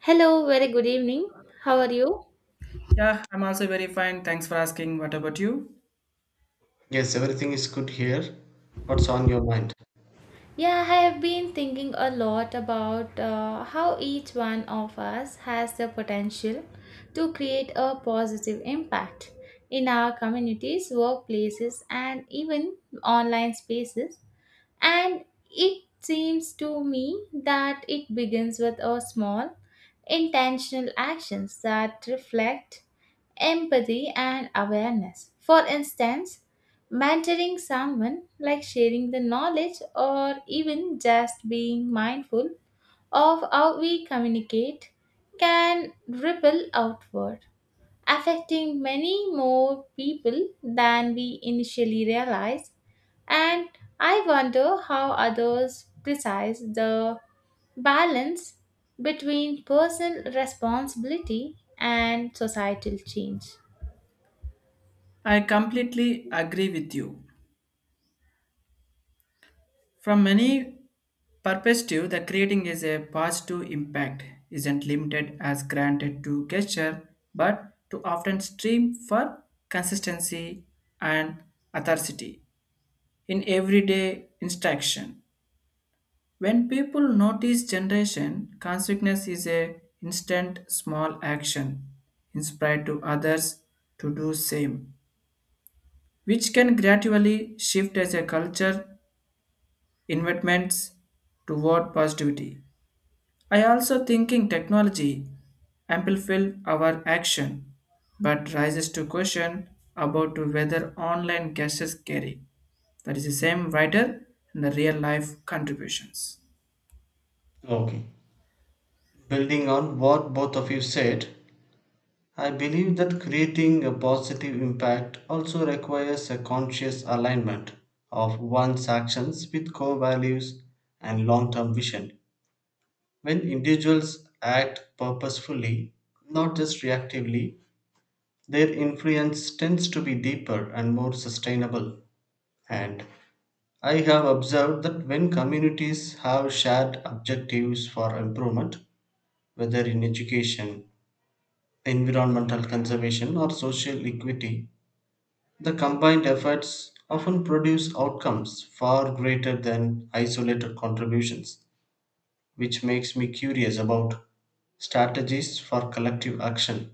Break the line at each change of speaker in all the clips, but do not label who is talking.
Hello, very good evening. How are you?
Yeah, I'm also very fine. Thanks for asking. What about you?
Yes, everything is good here. What's on your mind?
Yeah, I have been thinking a lot about how each one of us has the potential to create a positive impact in our communities, workplaces, and even online spaces. And it seems to me that it begins with a small intentional actions that reflect empathy, and awareness. For instance, mentoring someone, like sharing the knowledge or even just being mindful of how we communicate, can ripple outward, affecting many more people than we initially realize. And I wonder how others precise the balance between personal responsibility and societal change.
I completely agree with you. From many perspective, the creating is a positive impact isn't limited as granted to gesture, but to often stream for consistency and authority in everyday instruction. When people notice generation, consciousness is a instant small action inspired to others to do same which can gradually shift as a culture investments toward positivity. I also thinking technology amplifies our action, but rises to question about to whether online guesses carry. That is the same writer in the real life contributions.
Okay. Building on what both of you said, I believe that creating a positive impact also requires a conscious alignment of one's actions with core values and long term vision. When individuals act purposefully, not just reactively, their influence tends to be deeper and more sustainable. And I have observed that when communities have shared objectives for improvement, whether in education, environmental conservation, or social equity, the combined efforts often produce outcomes far greater than isolated contributions, which makes me curious about strategies for collective action.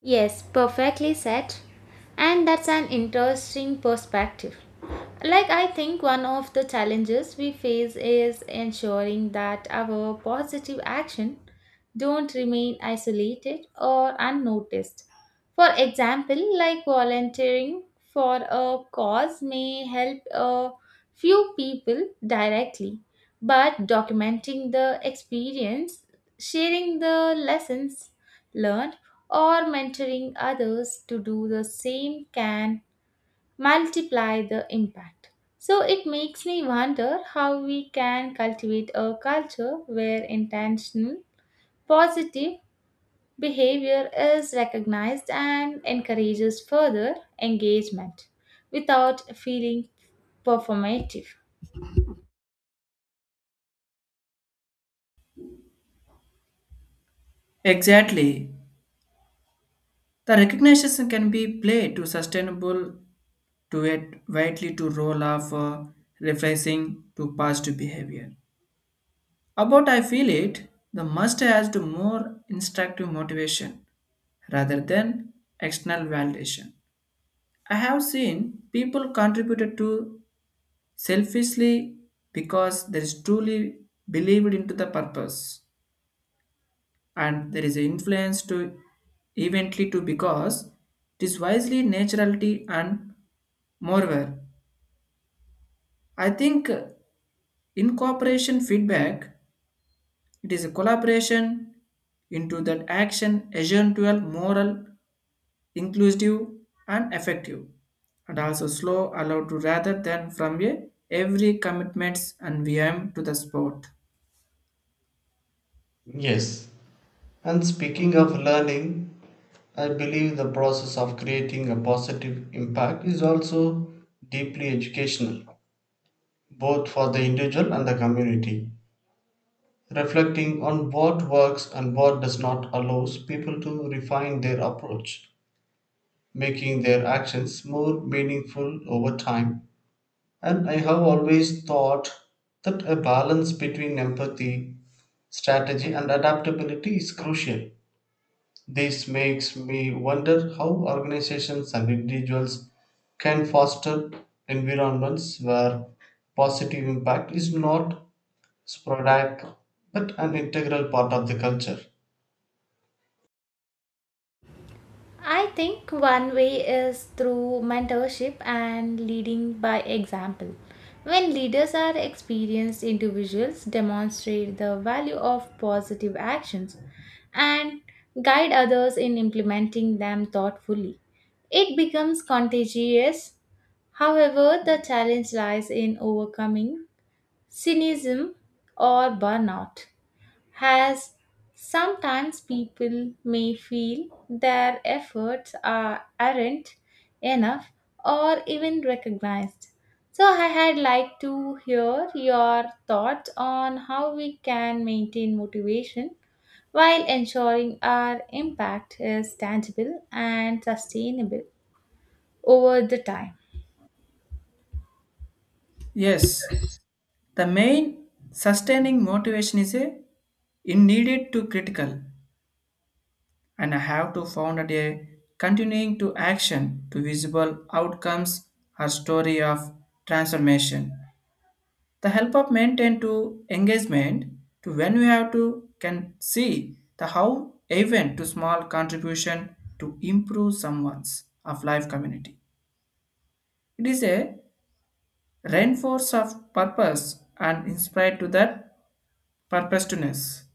Yes, perfectly said. And that's an interesting perspective. Like, I think one of the challenges we face is ensuring that our positive action don't remain isolated or unnoticed. For example, like volunteering for a cause may help a few people directly, but documenting the experience, sharing the lessons learned, or mentoring others to do the same can multiply the impact. So it makes me wonder how we can cultivate a culture where intentional, positive behavior is recognized and encourages further engagement without feeling performative.
Exactly. The recognition can be played to sustainable to it widely to roll off referencing to past behavior. About I feel it, the must has to more instructive motivation rather than external validation. I have seen people contributed to selfishly because there is truly believed into the purpose and there is an influence to eventually to because it is wisely naturality and moreover. I think incorporation feedback it is a collaboration into that action essential moral inclusive and effective, and also slow allowed to rather than from a every commitments and VM to the sport.
Yes, and speaking of learning, I believe the process of creating a positive impact is also deeply educational both for the individual and the community. Reflecting on what works and what does not allows people to refine their approach, making their actions more meaningful over time. And I have always thought that a balance between empathy, strategy, and adaptability is crucial. This makes me wonder how organizations and individuals can foster environments where positive impact is not sporadic but an integral part of the culture.
I think one way is through mentorship and leading by example. When leaders are experienced individuals, demonstrate the value of positive actions and guide others in implementing them thoughtfully. It becomes contagious. However, the challenge lies in overcoming cynicism or burnout as sometimes people may feel their aren't enough or even recognized. So, I had like to hear your thoughts on how we can maintain motivation while ensuring our impact is tangible and sustainable over the time.
Yes, the main sustaining motivation is a in needed to critical and I have to found that a continuing to action to visible outcomes or story of transformation. The help of maintain to engagement to when we have to can see the how even to small contribution to improve someone's of life community it is a reinforce of purpose and inspired to that purposeness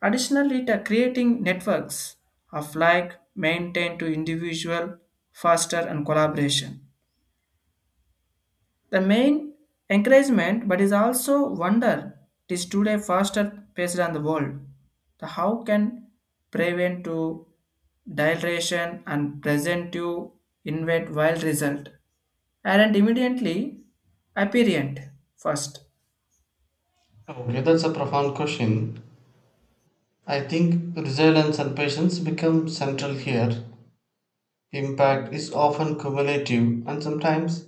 additionally the creating networks of like maintain to individual faster and collaboration. The main encouragement, but is also wonder, it is today faster paced on the world. The how can prevent to dilation and present to invent wild result and immediately apparent first.
Okay, that's a profound question. I think resilience and patience become central here. Impact is often cumulative, and sometimes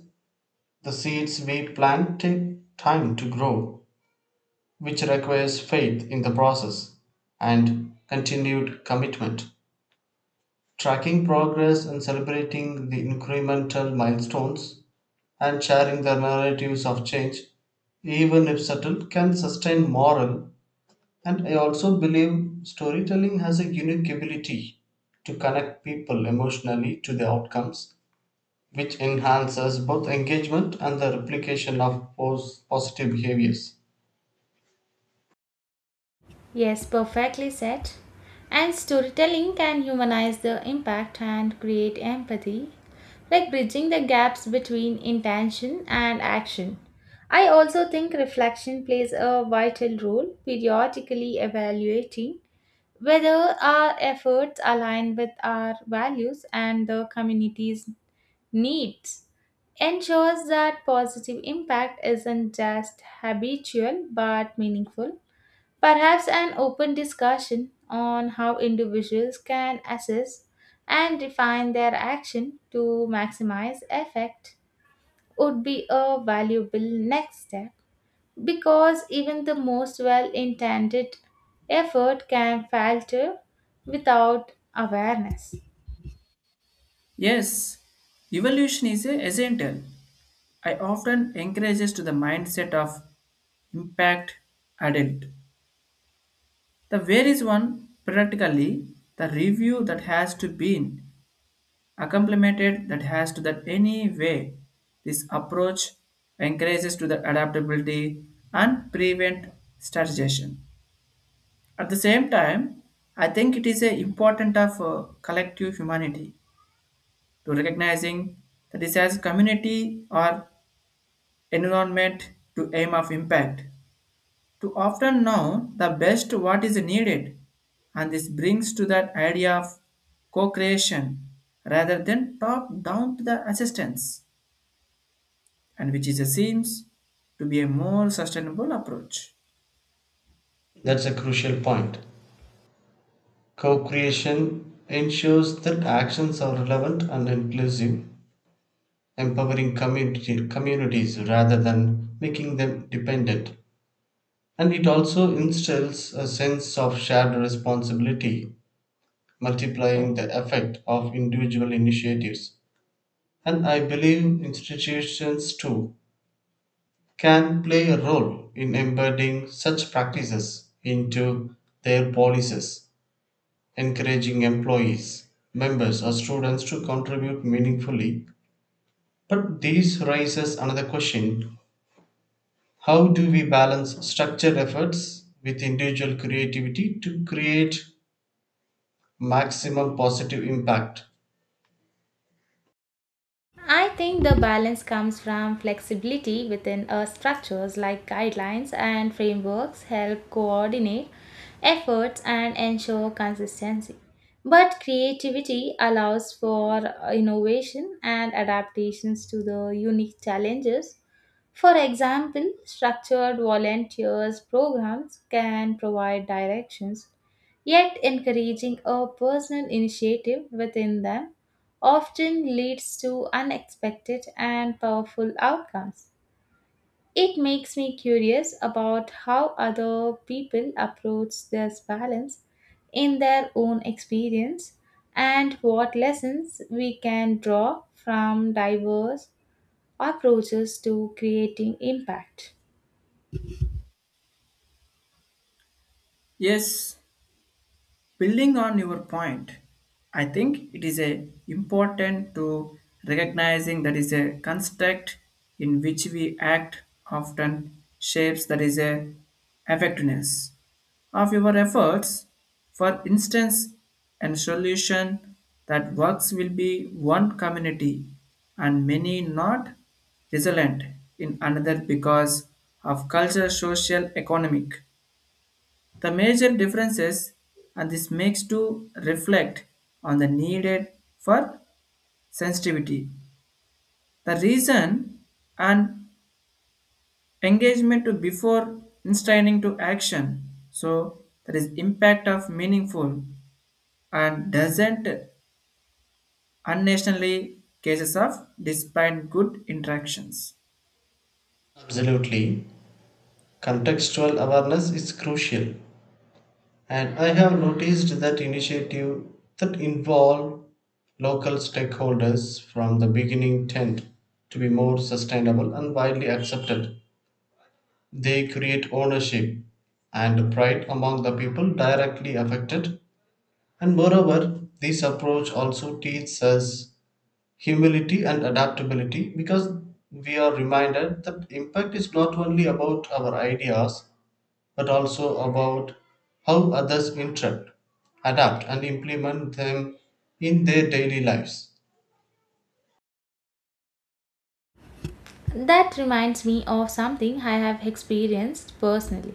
the seeds we plant take time to grow, which requires faith in the process and continued commitment. Tracking progress and celebrating the incremental milestones, and sharing their narratives of change, even if subtle, can sustain moral. And I also believe storytelling has a unique ability to connect people emotionally to the outcomes, which enhances both engagement and the replication of positive behaviors.
Yes, perfectly said. And storytelling can humanize the impact and create empathy, like bridging the gaps between intention and action. I also think reflection plays a vital role, periodically evaluating whether our efforts align with our values and the community's needs ensures that positive impact isn't just habitual but meaningful. Perhaps an open discussion on how individuals can assess and refine their action to maximize effect would be a valuable next step, because even the most well intended effort can falter without awareness.
Yes, evolution is a essential. I often encourages to the mindset of impact adult. The where is one practically the review that has to be in. Accomplimented that has to that any way this approach encourages to the adaptability and prevent strategization at the same time. I think it is a important of collective humanity to recognizing that this as community or environment to aim of impact to often know the best what is needed and this brings to that idea of co-creation rather than top down to the assistance and which is a, seems to be a more sustainable approach.
That's a crucial point. Co creation ensures that actions are relevant and inclusive empowering communities rather than making them dependent, and it also instills a sense of shared responsibility, multiplying the effect of individual initiatives. And I believe institutions too can play a role in embedding such practices into their policies, encouraging employees, members, or students to contribute meaningfully. But this raises another question. How do we balance structured efforts with individual creativity to create maximum positive impact?
I think the balance comes from flexibility within our structures like guidelines and frameworks help coordinate efforts and ensure consistency. But creativity allows for innovation and adaptations to the unique challenges. For example, structured volunteers programs can provide directions, yet encouraging a personal initiative within them often leads to unexpected and powerful outcomes. It makes me curious about how other people approach this balance in their own experience and what lessons we can draw from diverse approaches to creating impact.
Yes, building on your point, I think it is a important to recognizing that is a construct in which we act often shapes that is a effectiveness of your efforts. For instance, a solution that works will be one community and many not resilient in another because of culture, social, economic. The major differences and this makes to reflect on the needed for sensitivity. The reason and engagement to before inciting to action. So that is impact of meaningful and doesn't unintentionally cases of despite good interactions.
Absolutely. Contextual awareness is crucial. And I have noticed that initiative that involve local stakeholders from the beginning tend to be more sustainable and widely accepted. They create ownership and pride among the people directly affected. And moreover, this approach also teaches us humility and adaptability because we are reminded that impact is not only about our ideas but also about how others interact, adapt, and implement them in their daily lives.
That reminds me of something I have experienced personally.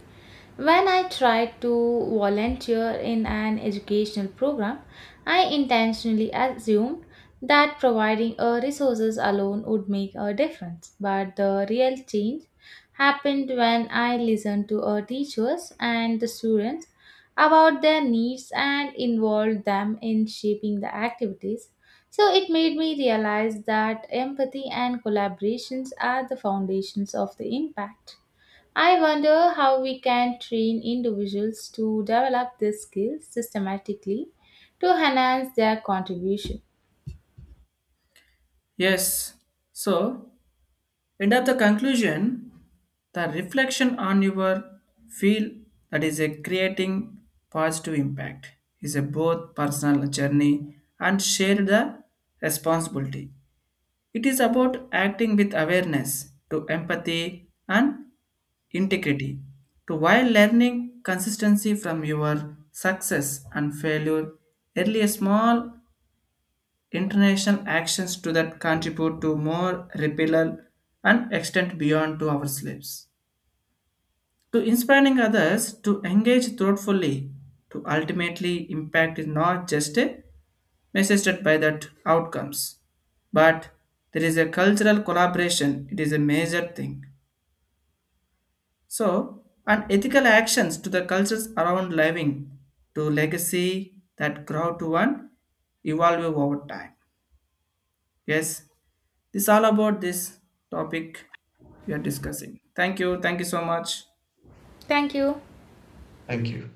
When I tried to volunteer in an educational program, I intentionally assumed that providing resources alone would make a difference. But the real change happened when I listened to our teachers and the students about their needs and involved them in shaping the activities so it made me realize that empathy and collaborations are the foundations of the impact. I wonder how we can train individuals to develop these skills systematically to enhance their contribution.
Yes. So And At the conclusion, the reflection on your feel that is a creating positive impact is a both personal journey and share the responsibility. It is about acting with awareness to empathy and integrity to while learning consistency from your success and failure early small international actions to that contribute to more repellal and extend beyond to our slaves. To inspiring others to engage thoughtfully to ultimately impact is not just a measured by that outcomes, but there is a cultural collaboration. It is a major thing. So, and ethical actions to the cultures around living to legacy that grow to one evolve over time. Yes, this all about this topic we are discussing. Thank you. Thank you so much.
Thank you.
Thank you.